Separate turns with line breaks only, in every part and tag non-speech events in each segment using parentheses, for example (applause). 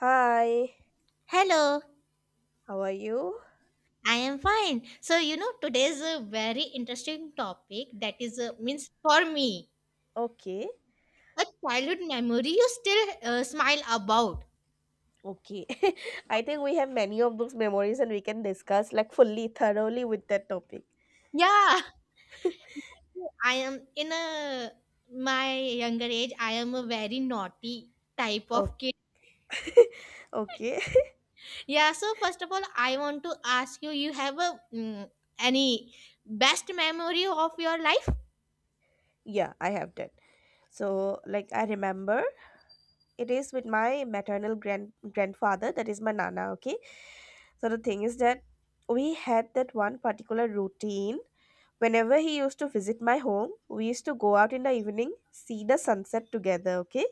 Hi,
Hello,
how are you?
I am fine. So, today's a very interesting topic that is, means for me,
Okay,
a childhood memory you still smile about.
okay. (laughs) I think we have many of those memories and we can discuss like fully, thoroughly with that topic.
Yeah, I am in a my younger age. I am a very naughty type of kid.
Okay, (laughs) okay. (laughs)
Yeah. So first of all, I want to ask you: you have a any best memory of your life?
Yeah, I have that. So, like, I remember it is with my maternal grandfather, that is my nana, okay? So, the thing is that we had that one particular routine. Whenever he used to visit my home, we used to go out in the evening, see the sunset together, okay?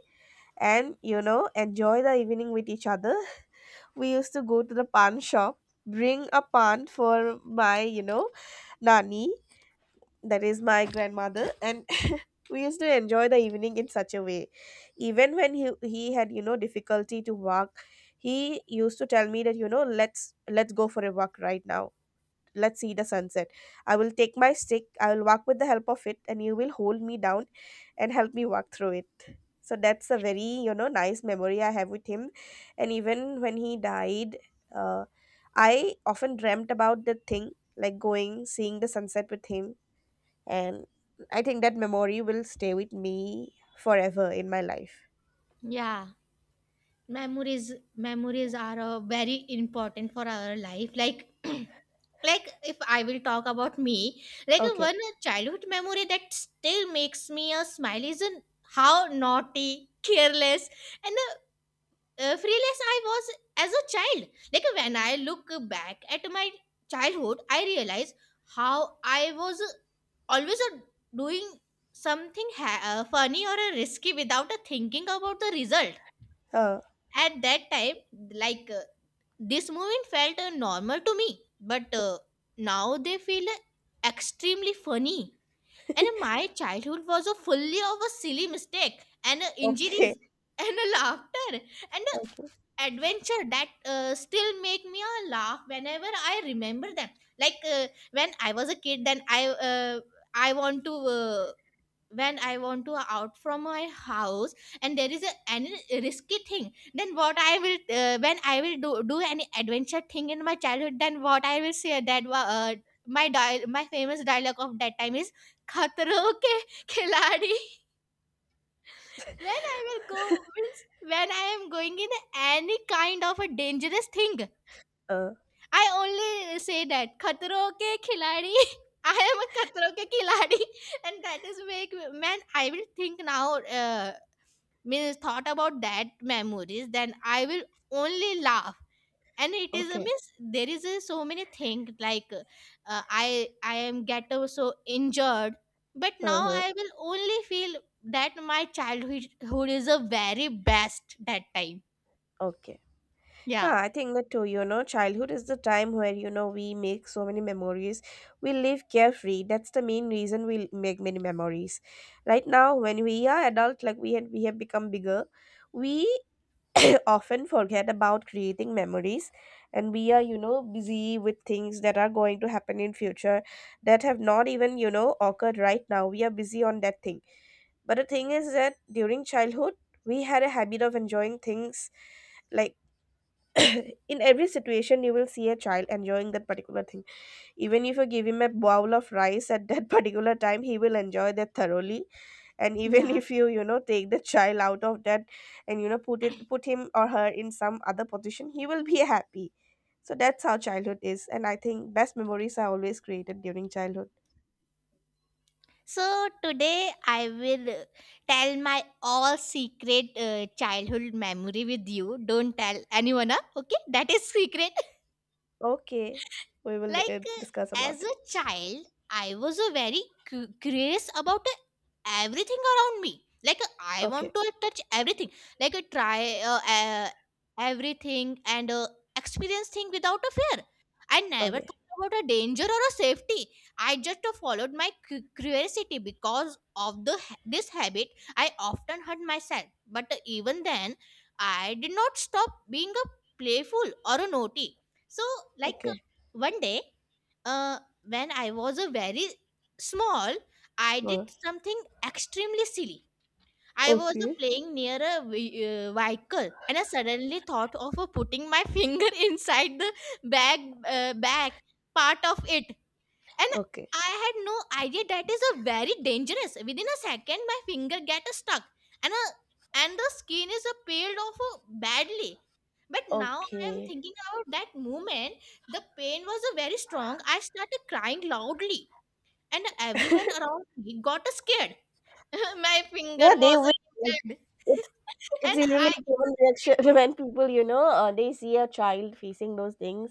And enjoy the evening with each other. We used to go to the pan shop, bring a pan for my nani, that is my grandmother, and (laughs) we used to enjoy the evening in such a way. Even when he had difficulty to walk, he used to tell me that let's go for a walk right now, let's see the sunset. I will take my stick, I will walk with the help of it, and you will hold me down and help me walk through it. So that's a very, nice memory I have with him. And even when he died, uh, I often dreamt about the thing, like going, seeing the sunset with him. And I think that memory will stay with me forever in my life.
Yeah. Memories are very important for our life, like (clears throat) like if I will talk about me, like
Okay.
one childhood memory that still makes me a smile is in how naughty, careless, and fearless I was as a child. Like when I look back at my childhood, I realize how I was always doing something funny or risky without thinking about the result
Uh,
at that time. Like this movement felt normal to me, but now they feel extremely funny. And
(laughs)
my childhood was a fully of a silly mistake and
okay.
injuries, and (laughs) laughter, and
Okay.
adventure that still make me laugh whenever I remember them. Like when I was a kid, then I want to when I want to out from my house, and there is a any risky thing, then what I will when I will do any adventure thing in my childhood, then what I will say that my famous dialogue of that time is "Khatro ke khiladi." (laughs) When I will go means when I am going in any kind of a dangerous thing,
Uh,
I only say that "Khatro ke khiladi." (laughs) I am a khatro ke khiladi, and that is make man I will think now. Means thought about that memories, then I will only laugh. And it is a
okay.
miss, there is a, so many things, like I am get so injured, but now
Uh-huh.
I will only feel that my childhood is a very best that time.
Okay.
Yeah.
Yeah, I think that too, you know, childhood is the time where, you know, we make so many memories. We live carefree. That's the main reason make many memories. Right now, when we are adult, like we have become bigger, we (coughs) (clears throat) often forget about creating memories, and we are, you know, busy with things that are going to happen in future that have not even, you know, occurred right now. We are busy on that thing. But the thing is that during childhood, we had a habit of enjoying things, like (coughs) in every situation you will see a child enjoying that particular thing. Even if you give him a bowl of rice at that (laughs) particular time, he will enjoy that thoroughly. And even (laughs)
Yeah.
if you you know take the child out of that and put him or her in some other position, he will be (laughs) happy. So that's how childhood is, and I think best memories are always created during childhood.
So today I will tell my all secret childhood memory with you. Don't tell anyone, huh? Okay, that is secret. (laughs)
Okay, we will
Like
discuss about
as a
it.
child, I was a very curious about everything around me. Like I
Okay,
want to touch everything. Like try everything and experience thing without a fear. I never
okay,
thought about a danger or a safety. I just followed my curiosity because of the this habit. I often hurt myself, but even then, I did not stop being a playful or a naughty. So, like,
okay.
one day, uh, when I was a very small, I did
Uh,
something extremely silly. I was
okay,
playing near a vehicle, and I suddenly thought of putting my (laughs) finger inside the bag back part of it. And
okay,
I had no idea that is a very dangerous. Within a second, my finger get stuck, and and the skin is a peeled off badly. But now I am
okay.
thinking about that moment. The pain was very strong. I started crying loudly, and everyone around me got scared. (laughs) My finger
Yeah, they
was
will.
injured, (laughs)
It's really
and
a
I
really common reaction (laughs) when people, they see a child facing those things,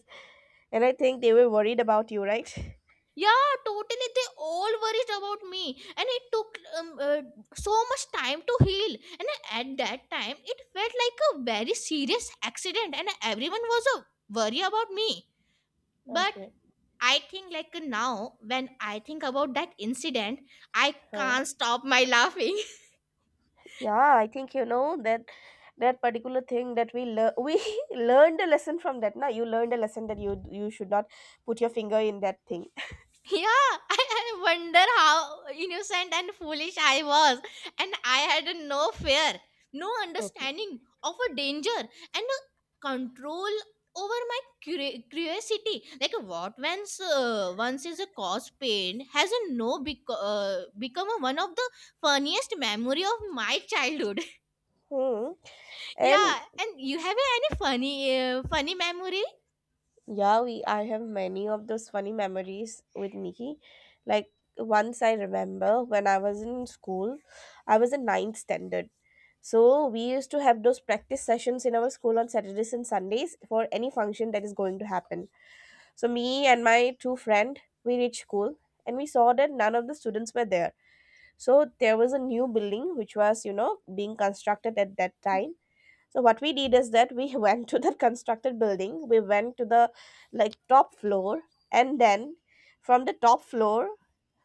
and I think they were worried about you, right? (laughs)
Yeah, totally. They all worried about me, and it took so much time to heal. And at that time, it felt like a very serious accident, and everyone was a worry about me. But
Okay.
I think, like now, when I think about that incident, I
Huh.
can't stop my laughing.
Yeah, I think you know that particular thing that we lear (laughs) we learned a lesson from that. Now you learned a lesson that you should not put your finger in that thing.
Yeah, (laughs) I wonder how innocent and foolish I was. And I had no fear, no
(laughs) Okay.
understanding of a danger, and a control over my curiosity. Like, what once, once is a cause pain has a no become a one of the funniest memory of my childhood.
Hmm.
(laughs)
And
Yeah, and you have any funny, funny memory?
yeah, we I have many of those funny memories with Nikki. Like, once I remember when I was in school, I was in ninth standard. So we used to have those practice sessions in our school on Saturdays and Sundays for any function that is going to happen. So me and my two friend, we reached school and we saw that none of the students were there. So there was a new building which was, you know, being constructed at that time. So what we did is that we (laughs) went to that constructed building. We went to the like top floor, and then from the top floor,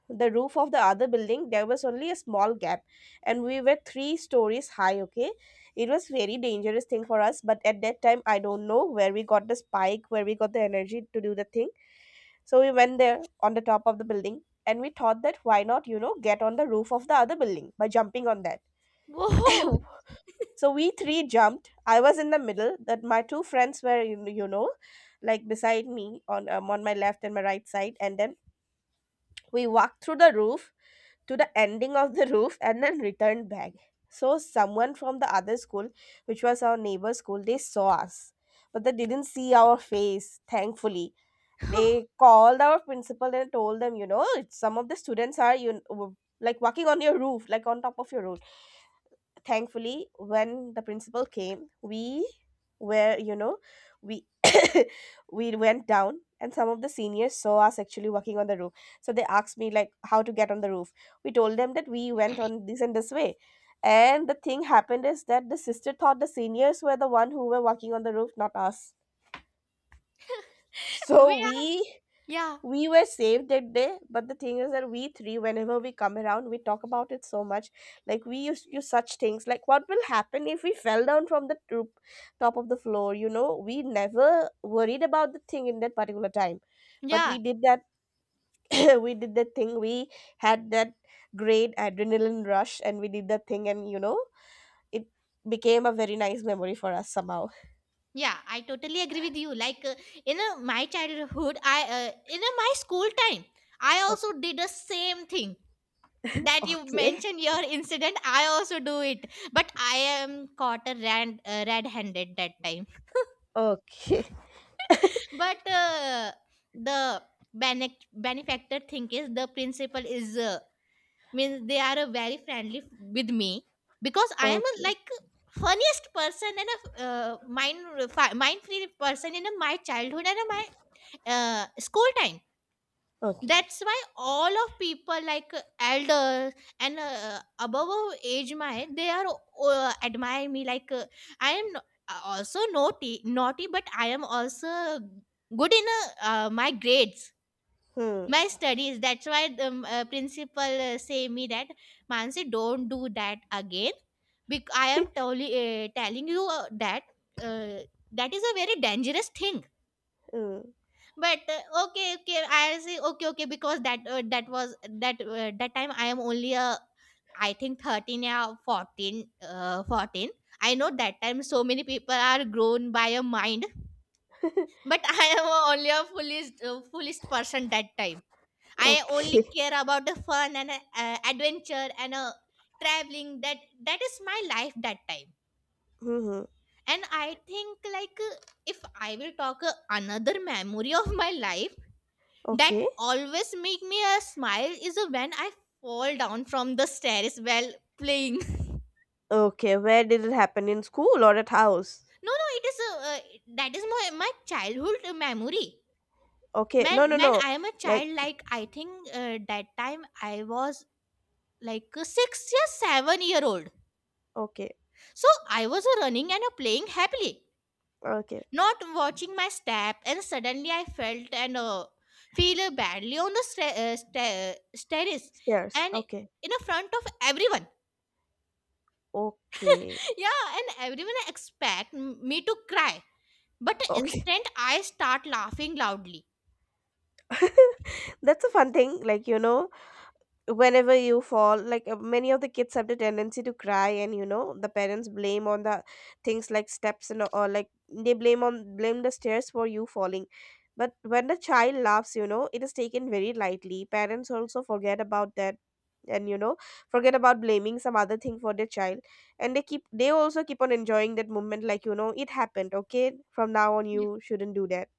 the roof of the other building, there was only a small gap, and we were three stories high, okay? It was very dangerous thing for us, but at that time I don't know where we got the spike, where we got the energy to do the thing. So we went there on the top of the building, and we thought that, why not get on the roof of the other building by jumping on that?
Whoa,
(laughs) (coughs) So we three jumped. I was in the middle, that my two friends were like beside me on my left and my right side, and then we walked through the roof to the ending of the roof, and then returned back. So someone from the other school, which was our neighbor school, they saw us. But they didn't see our face, thankfully. They
(laughs)
called our principal and told them, you know, some of the students are, you know, like walking on your roof, like on top of your roof. Thankfully, when the principal came, we were, we (coughs) we went down, and some of the seniors saw us actually working on the roof. So they asked me like how to get on the roof. We told them that we went on this and this way. And the thing happened is that the sister thought the seniors were the one who were working on the roof, not us.
we
So
are, yeah,
we were saved that day. But the thing is that we three, whenever we come around, we talk about it so much, like we used to do such things like what will happen if we fell down from the top of the floor. You know, we never worried about the thing in that particular time. But
yeah.
we did that. (coughs) (clears throat) We did that thing. We had that great adrenaline rush, and we did that thing, and you know, it became a very nice memory for us somehow.
Yeah, I totally agree with you. Like in my childhood, I in my school time, I also did the same thing that you
Okay,
mentioned your incident. I also do it, but I am caught a red-handed that time.
okay, okay,
But the benefactor thing is the principal is, means they are very friendly with me, because I am a,
okay,
like, funniest person and a mind free person in a, my childhood and a, my school time.
okay.
That's why all of people, like elders and above our age, my they are admire me, like I am no, also naughty naughty, but I am also good in my grades,
Hmm.
my studies. That's why the principal say me that, "Mansi, don't do that again, because I am totally telling you that, uh, that is a very dangerous thing."
(laughs) Hmm.
But okay okay I say, okay okay, because that that was that that time I am only I think 13 or 14, 14. I know that time so many people are grown by a mind, but (laughs) I am only a foolish foolish person that time. I only
Okay.
care about the fun and adventure and traveling. That that is my life that time.
(laughs) Hmm.
And I think, like if I will talk another memory of my life that
Okay.
always make me a smile is when I fall down from the stairs while playing. (laughs)
Okay. Where did it happen? In school or at house?
No, no, it is that is my, my childhood memory,
Okay.
man.
No, no,
When
no.
I am a
Like,
child, like I think that time I was like 6 years 7-year old.
okay.
So I was running and playing happily,
Okay.
not watching my step, and suddenly I felt and feel badly on the stairs,
Stairs.
and
Okay.
in the front of everyone.
Okay.
(laughs) Yeah, and everyone expect me to cry, but the
Okay.
instant I start laughing loudly.
(laughs) That's a fun thing. Like, you know, whenever you fall, like many of the kids have the tendency to cry, and you know, the parents blame on the things like steps, and or like they blame the stairs for you falling. But when the child laughs, you know, it is taken very lightly. Parents also forget about that, and you know, forget about blaming some other thing for their child. And they also keep on enjoying that moment, like you know, it happened, okay, from now on
Yeah.
you shouldn't do that.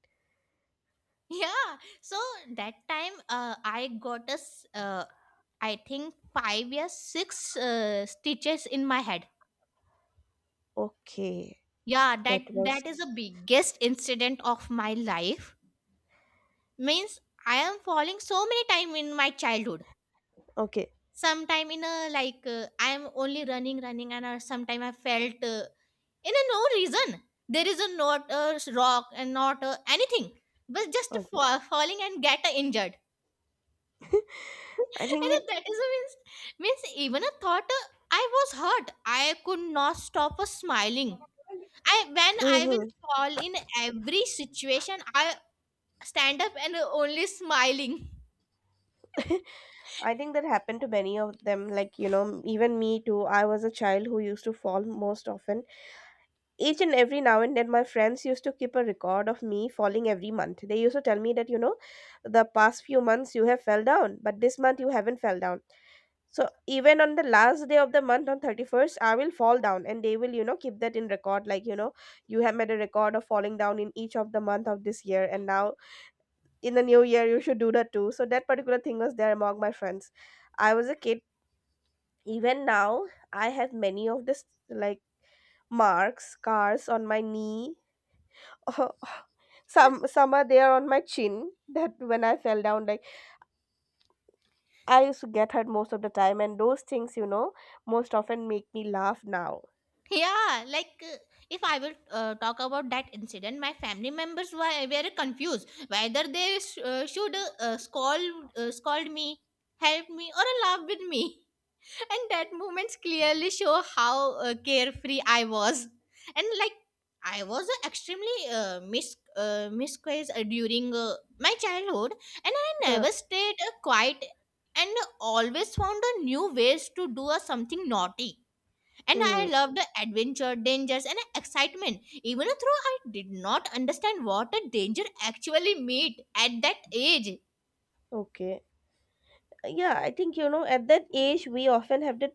(laughs) Yeah. So that time I got a I think 5 or 6 stitches in my head.
Okay,
Yeah, that
that was
that is the biggest incident of my life. Means I am falling so many time in my childhood.
okay,
Sometime in a, like I am only running running, and sometime I felt, in a no reason, there is a not a rock and not a anything, but just
okay.
falling and get injured. (laughs)
I think
And
it.
that is a means, means even a thought, I was hurt, I could not stop smiling. I when I will
Mhm.
fall in every situation, I stand up and only smiling.
(laughs) I
(laughs)
think that happened to many of them. Like, you know, even me too. I was a child who used to fall most often. Each and every now and then, my friends used to keep a record of me falling every month. They used to tell me that, you know, the past few months you have fell down, but this month you haven't fell down. So even on the last day of the month on 31st, I will fall down, and they will, you know, keep that in record. Like, you know, you have made a record of falling down in each of the month of this year. And now in the new year you should do that too. So that particular thing was there among my friends. I was a kid. Even now I have many of this, like, marks, scars on my knee. (laughs) Some are there on my chin, that when I fell down, like, I used to get hurt most of the time, and those things, you know, most often make me laugh now.
Yeah, like if I will talk about that incident, my family members were confused whether they should scold me, help me, or laugh with me. (laughs) And that moments clearly show how carefree I was, and like I was extremely misquoted during my childhood, and I
Huh.
never stayed quiet and always found a new ways to do something naughty. And I
Hmm.
loved the adventure, dangers, and excitement, even though I did not understand what a danger actually meant at that age.
Okay. Yeah, I think, you know, at that age we often have that,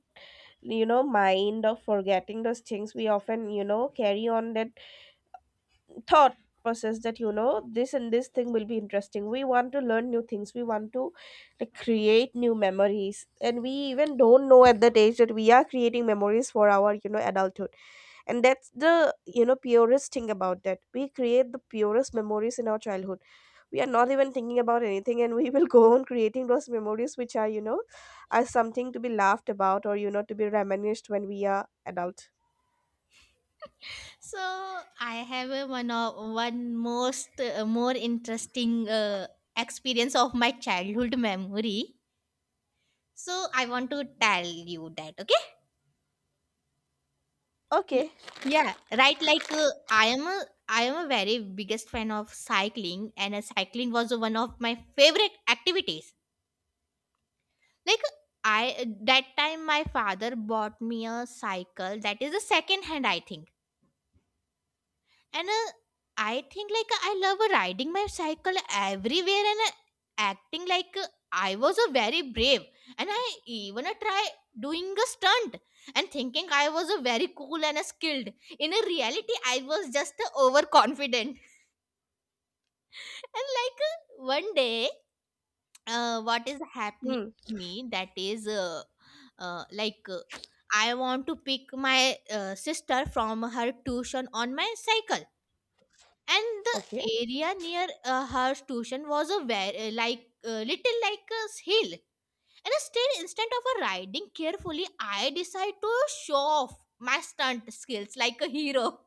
you know, mind of forgetting those things. We often, you know, carry on that thought process that, you know, this and this thing will be interesting. We want to learn new things. We want to like create new memories, and we even don't know at that age that we are creating memories for our, you know, adulthood. And that's the, you know, purest thing about that. We create the purest memories in our childhood. We are not even thinking about anything, and we will (laughs) go on creating those memories which are, you know, are something to be laughed about or, you know, to be reminisced when we are adult.
So I have a one of one most more interesting experience of my childhood memory. So I want to tell you that. Okay. L-
Okay.
Yeah. Right. Like I am a very biggest fan of cycling, and cycling was one of my favorite activities, like I that time my father bought me a cycle that is a second hand, I think. And I think, like, I love riding my cycle everywhere and acting like I was a very brave, and I even try doing a stunt and thinking I was a very cool and skilled. In a reality, I was just overconfident. And like one day, what is happening
Hmm.
to me, that is like I want to pick my sister from her tuition on my cycle, and the
Okay,
area near her tuition was a very, like little like a hill. And still, instead of riding carefully, I decide to show off my stunt skills like a hero.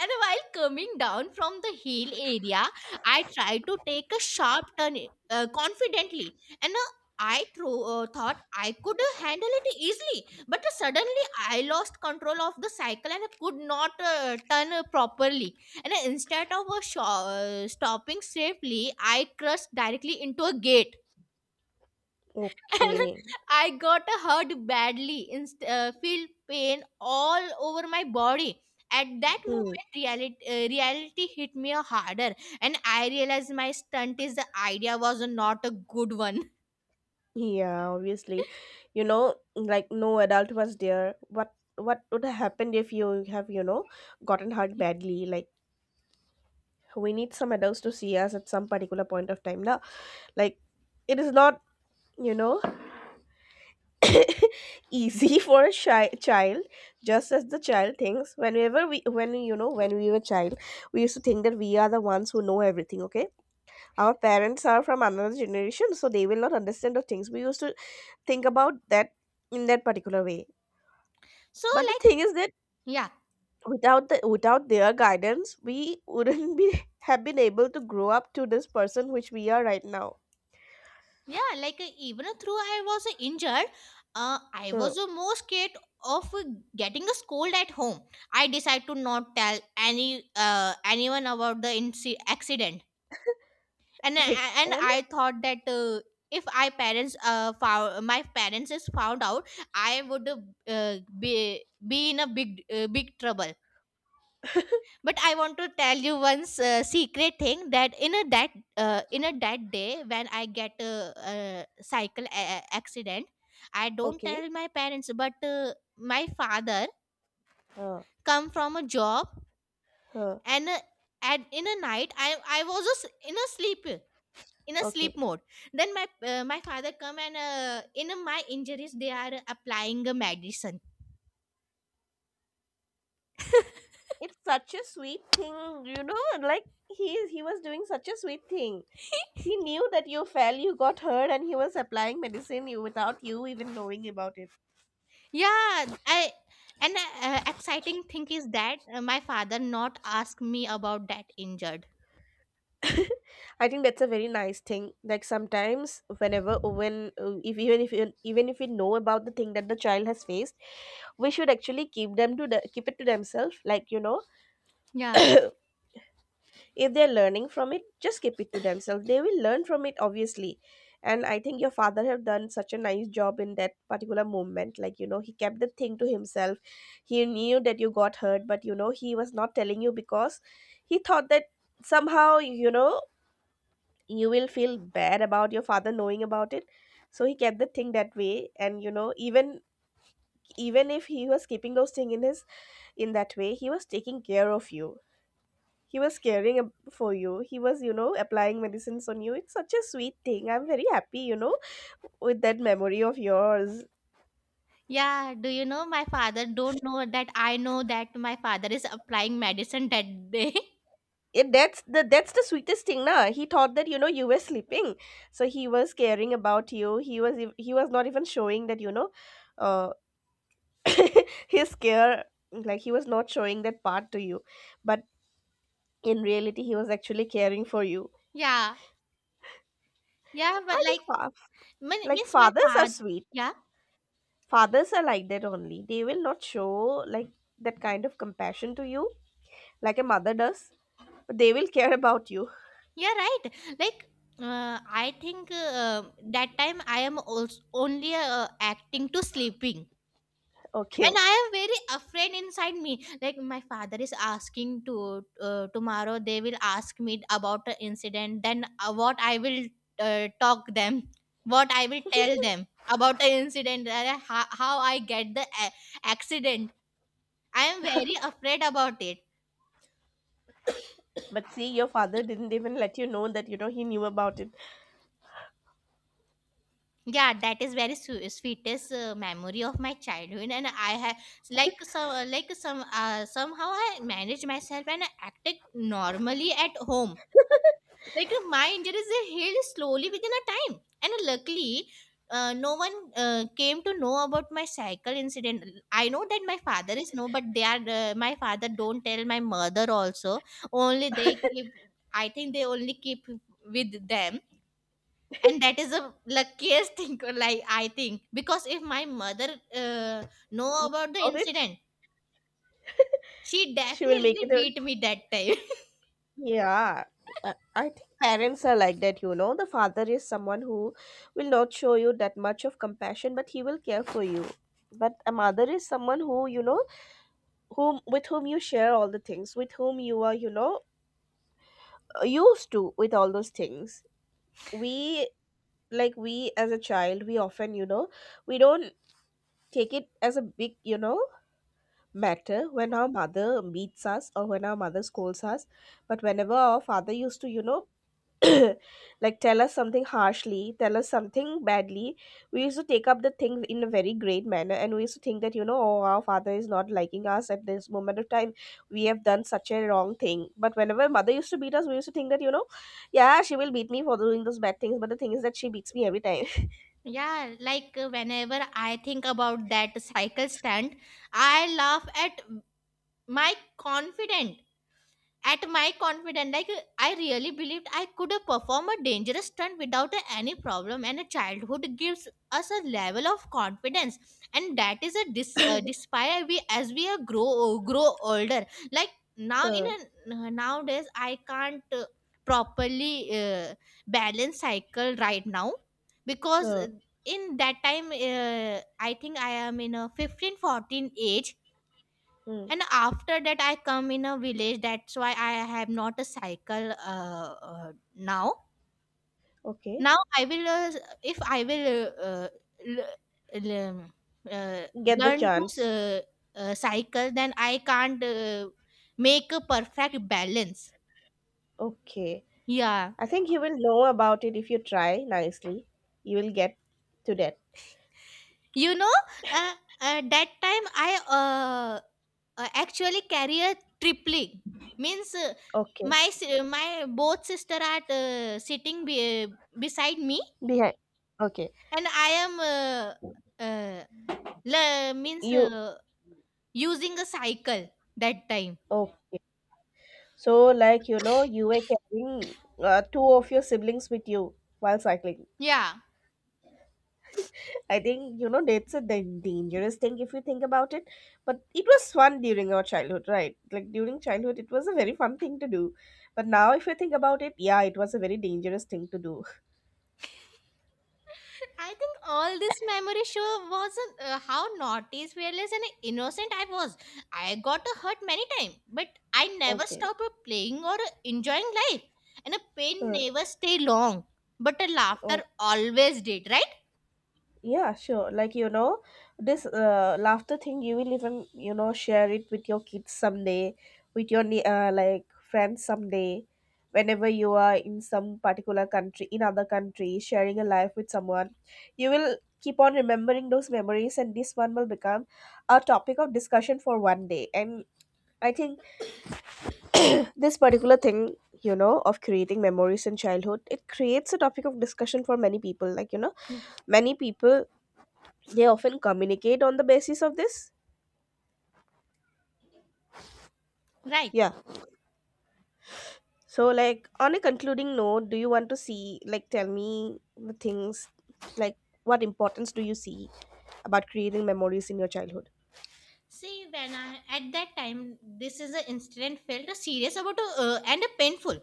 And while coming down from the hill area, I tried to take a sharp turn confidently, and I thought I could handle it easily. But suddenly, I lost control of the cycle and could not turn properly. And instead of stopping safely, I crashed directly into a gate, and
okay.
(laughs) I got hurt badly, feel pain all over my body. At that
Hmm.
moment, reality hit me harder, and I realized my stunt is the idea was not a good one. (laughs)
Yeah, obviously, you know, like no adult was there. What would have happened if you have, you know, gotten hurt badly? Like, we need some adults to see us at some particular point of time now. Like, it is not, you know, (laughs) easy for a shy child, just as the child thinks. Whenever we, when we were child, we used to think that we are the ones who know everything, okay? Our parents are from another generation, so they will not understand the things. We used to think about that in that particular way.
So,
But the thing is that
yeah,
without their guidance, we wouldn't be (laughs) have been able to grow up to this person which we are right now.
yeah, like, even though I was injured, I
Huh.
was
(laughs)
more scared of getting a scold at home. I decided to not tell anyone about the accident
Like,
and
and
I thought that if I parents found my parents is found out, I would be in a big trouble. But I want to tell you one secret thing that in a that day when I get a cycle accident, I don't
okay,
tell my parents, but my father
huh,
come from a job
huh,
and. And in a night I was just in a
okay.
sleep mode. Then my father come and in my injuries they are applying a medicine. (laughs)
It's such a sweet thing, you know. And Like he was doing such a sweet thing. He knew that you fell, you got hurt, and he was applying medicine you without you even knowing about it.
yeah. I and exciting thing is that my father not ask me about that injured.
I think that's a very nice thing. Like sometimes, whenever when if even if you- even if we know about the thing that the child has faced, we should actually keep it to themselves. Like you know, (coughs)
Yeah.
if they're learning from it, just keep it to themselves. They will learn from it, obviously. And I think your father have done such a nice job in that particular moment. Like you know, he kept the thing to himself. He knew that you got hurt, but you know, he was not telling you because he thought that somehow you know you will feel bad about your father knowing about it. So he kept the thing that way, and you know, even if he was keeping those things in his, in that way he was taking care of you. He was for you, he was you know applying medicines on you. It's such a sweet thing, I'm very happy you know, with that memory of yours.
Yeah, do you know my father don't know that I know that my father is applying medicine that day.
It, that's the sweetest thing na. He thought that you know you were sleeping, so he was caring about you. He was not even showing that you know uh, (laughs) his care. Like he was not showing that part to you, but in reality he was actually caring for you.
(laughs) yeah. Yeah, but
i think
like
fa- like
miss my
fathers are
father.
sweet.
Yeah,
Fathers are like that only. They will not show, like, that kind of compassion to you like a mother does, but they will care about you.
yeah, right. Like I think that time I am also only acting to sleeping,
(laughs)
and
Okay,
I am very afraid inside me. Like my father is asking to tomorrow they will ask me about the incident. Then what I will talk them, what I will tell them about the incident, how I get the accident. I am very afraid about it.
but see, your father didn't even let you know that you know he knew about it.
Yeah, that is very sweetest memory of my childhood, and I have somehow I managed myself and I acted normally at home. Like my injuries they healed slowly within a time, and luckily no one came to know about my cycle incident. I know that my father is no, but they are my father don't tell my mother also. Only they keep,
(laughs)
I think they only keep with them, and that is the luckiest thing. (laughs) like I think because if my mother uh, know
Knew
about the
about it.
incident,
(laughs)
she
She will make it
definitely
a.
beat me that time.
Yeah, I think parents are like that, you know. The father is someone who will not show you that much of compassion, but he will care for you. But a mother is someone who, you know, whom with whom you share all the things, with whom you are, you know, used to with all those things. We, like we as a child, we often, you know, we don't take it as a big, you know, matter when our mother beats us or when our mother scolds us. But whenever our father used to, you know, (coughs) (clears throat) like tell us something harshly, tell us something badly, we used to take up the thing in a very great manner, and we used to think that, you know, oh, our father is not liking us at this moment of time. We have done such a wrong thing. But whenever mother used to beat us, we used to think that, you know, yeah, she will beat me for doing those bad things. But the thing is that she beats me every time.
(laughs) yeah, like whenever I think about that cycle stunt, I laugh at my confidence. At my confident, like I really believed I could perform a dangerous stunt without any problem. And a childhood gives us a level of confidence, and that is a dis despite we as we grow older. Like
(laughs) uh,
nowadays, I can't properly balance cycle right now, because
uh,
in that time, I think I am in a 15 14 age.
hmm.
And after that I come in a village, that's why I have not a cycle now.
Okay.
Now I will, if I will uh, uh, l- l- um, uh,
Get the
learn to
chance.
uh, cycle, then I can't make a perfect balance.
Okay.
Yeah.
I think you will know about it if you try nicely. You will get to that.
You know, uh, that time I uh, actually carry a tripling, means
Okay.
my both sister are sitting beside me.
Behind. Okay.
And I am means
You.
using a cycle that time.
Okay. So, like, you know, you were carrying two of your siblings with you while cycling.
Yeah.
I think, you know, that's a dangerous thing if you think about it. But it was fun during our childhood, right? Like, during childhood, it was a very fun thing to do. But now, if you think about it, yeah, it was a very dangerous thing to do. (laughs)
(laughs) I think all this memory show was how naughty, fearless, and innocent I was. I got hurt many times, but I never
Okay.
stopped playing or enjoying life. And a pain
Uh,
never stay long, but a laughter always did, right?
yeah, sure, like you know, this laughter thing you will even you know share it with your kids someday, with your like friends someday, whenever you are in some particular country in other country sharing a life with someone, you will keep on remembering those memories, and this one will become a topic of discussion for one day. And I think this particular thing, you know, of creating memories in childhood, it creates a topic of discussion for many people, like you know,
Yeah.
many people, they often communicate on the basis of this.
Right.
Yeah, so like, on a concluding note, do you want to see, like tell me the things, like what importance do you see about creating memories in your childhood.
See, when I at that time, this is an incident felt serious about and painful.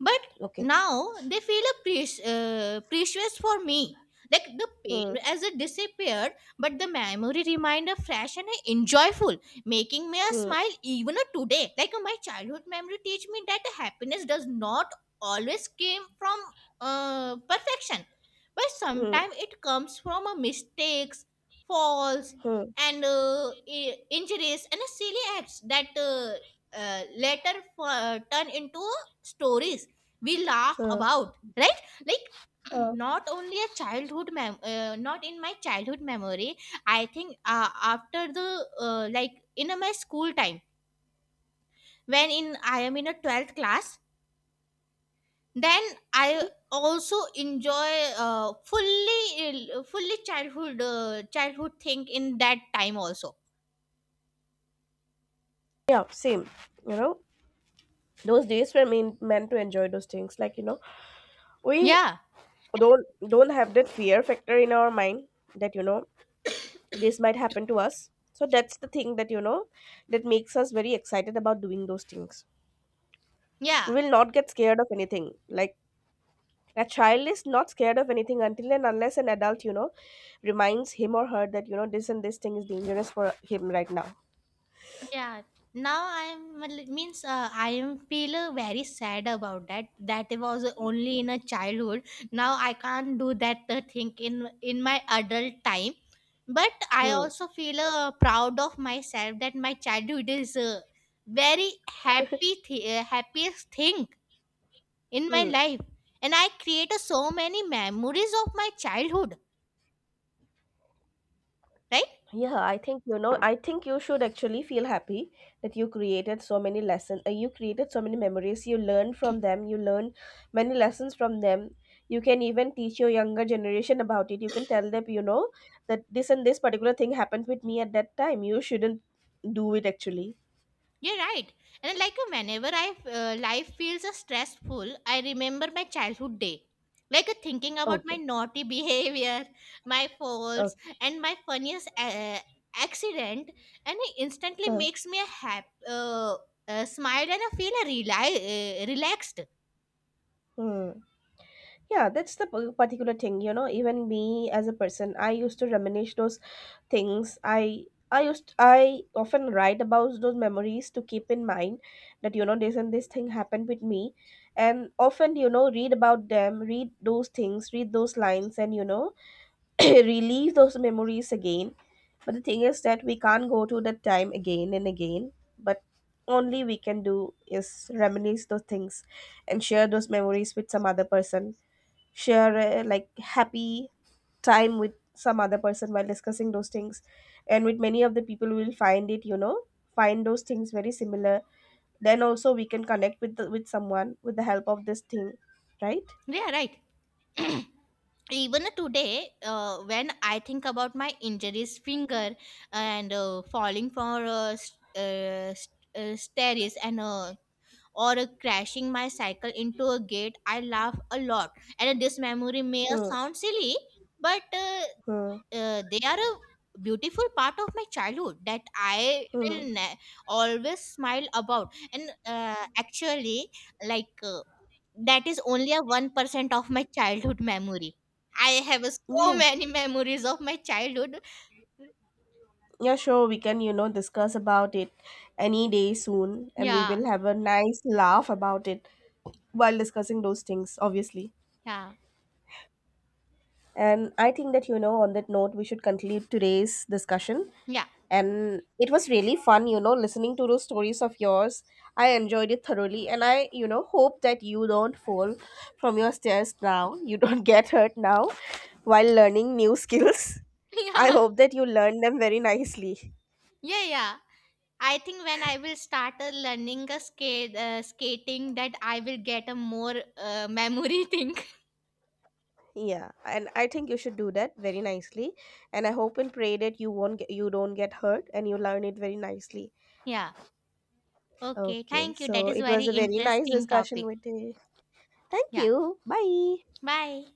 But
Okay.
now they feel a precious for me. Like the pain
Hmm.
as it disappeared, but the memory reminder fresh and enjoyable, making me a
Hmm.
smile even today. Like my childhood memory teach me that happiness does not always came from perfection, but
Hmm.
sometimes it comes from a mistakes, falls,
Hmm.
and injuries, and silly acts that later turn into stories we laugh
Hmm.
about, right? Like (clears throat)
uh,
not only a not in my childhood memory, I think after the like in a, my school time, when in I am in a 12th class, then I also enjoy fully childhood thing in that time also.
yeah, same, you know, those days were meant to enjoy those things, like you know, we
Yeah.
don't don't have that fear factor in our mind, that you know, this might happen to us. So that's the thing that you know, that makes us very excited about doing those things.
Yeah.
We will not get scared of anything. Like, a child is not scared of anything until and unless an adult, you know, reminds him or her that you know, this and this thing is dangerous for him right now.
Yeah, now I'm well, means I am feel very sad about that. That was only in a childhood. Now I can't do that thing in my adult time. But I
Hmm.
also feel proud of myself that my childhood is very happiest thing in my
Hmm.
life, and I create so many memories of my childhood. Right?
Yeah, I think, you know, I think you should actually feel happy that you created so many lessons. You created so many memories. You learn from them. You learn many lessons from them. You can even teach your younger generation about it. You can tell them, you know, that this and this particular thing happened with me at that time. You shouldn't do it actually.
You're right. And like whenever I life feels stressful, I remember my childhood day. Like thinking about my
Okay.
naughty (laughs) behavior, my falls,
Okay.
and my funniest accident, and it instantly
Huh.
makes me a smile, and I feel relaxed.
Hmm. Yeah, that's the particular thing. You know, even me as a person, I used to reminisce those things. I i used I often write about those memories to keep in mind that you know, this and this thing happened with me, and often you know read about them, read those things, read those lines, and you know (coughs) (clears throat) relive those memories again. But the thing is that we can't go to that time again and again, but only we can do is reminisce those things and share those memories with some other person, share a, like happy time with some other person while discussing those things. And with many of the people we will find it, you know, find those things very similar. Then also we can connect with the, with someone with the help of this thing, right.
Yeah, right. (clears throat) Even today, when I think about my injuries, finger and falling for stairs, and or crashing my cycle into a gate, I laugh a lot. And this memory may
Hmm.
sound silly, but
Hmm.
they are a beautiful part of my childhood that I
Hmm.
will ne- always smile about. And actually, like that is only a 1% of my childhood memory. I have so
Yeah,
many memories of my childhood.
yeah, sure, we can you know discuss about it any day soon, and we
Yeah,
will have a nice laugh about it while discussing those things obviously.
yeah,
And I think that, you know, on that note, we should conclude today's discussion.
yeah,
And it was really fun, you know, listening to those stories of yours. I enjoyed it thoroughly. And I, you know, hope that you don't fall from your stairs now. You don't (laughs) get hurt now while learning new skills.
(laughs)
I
yeah,
hope that you learn them very nicely.
yeah, yeah. I think when I will start learning a skate skating that I will get a more memory (laughs) thing.
Yeah, and I think you should do that very nicely. And I hope and pray that you don't get hurt and you learn it very nicely.
Yeah. Okay.
Okay,
Thank you. That
so
is
it
very
was a very nice
interesting
discussion
topic.
with you. Thank
Yeah.
you. Bye.
Bye.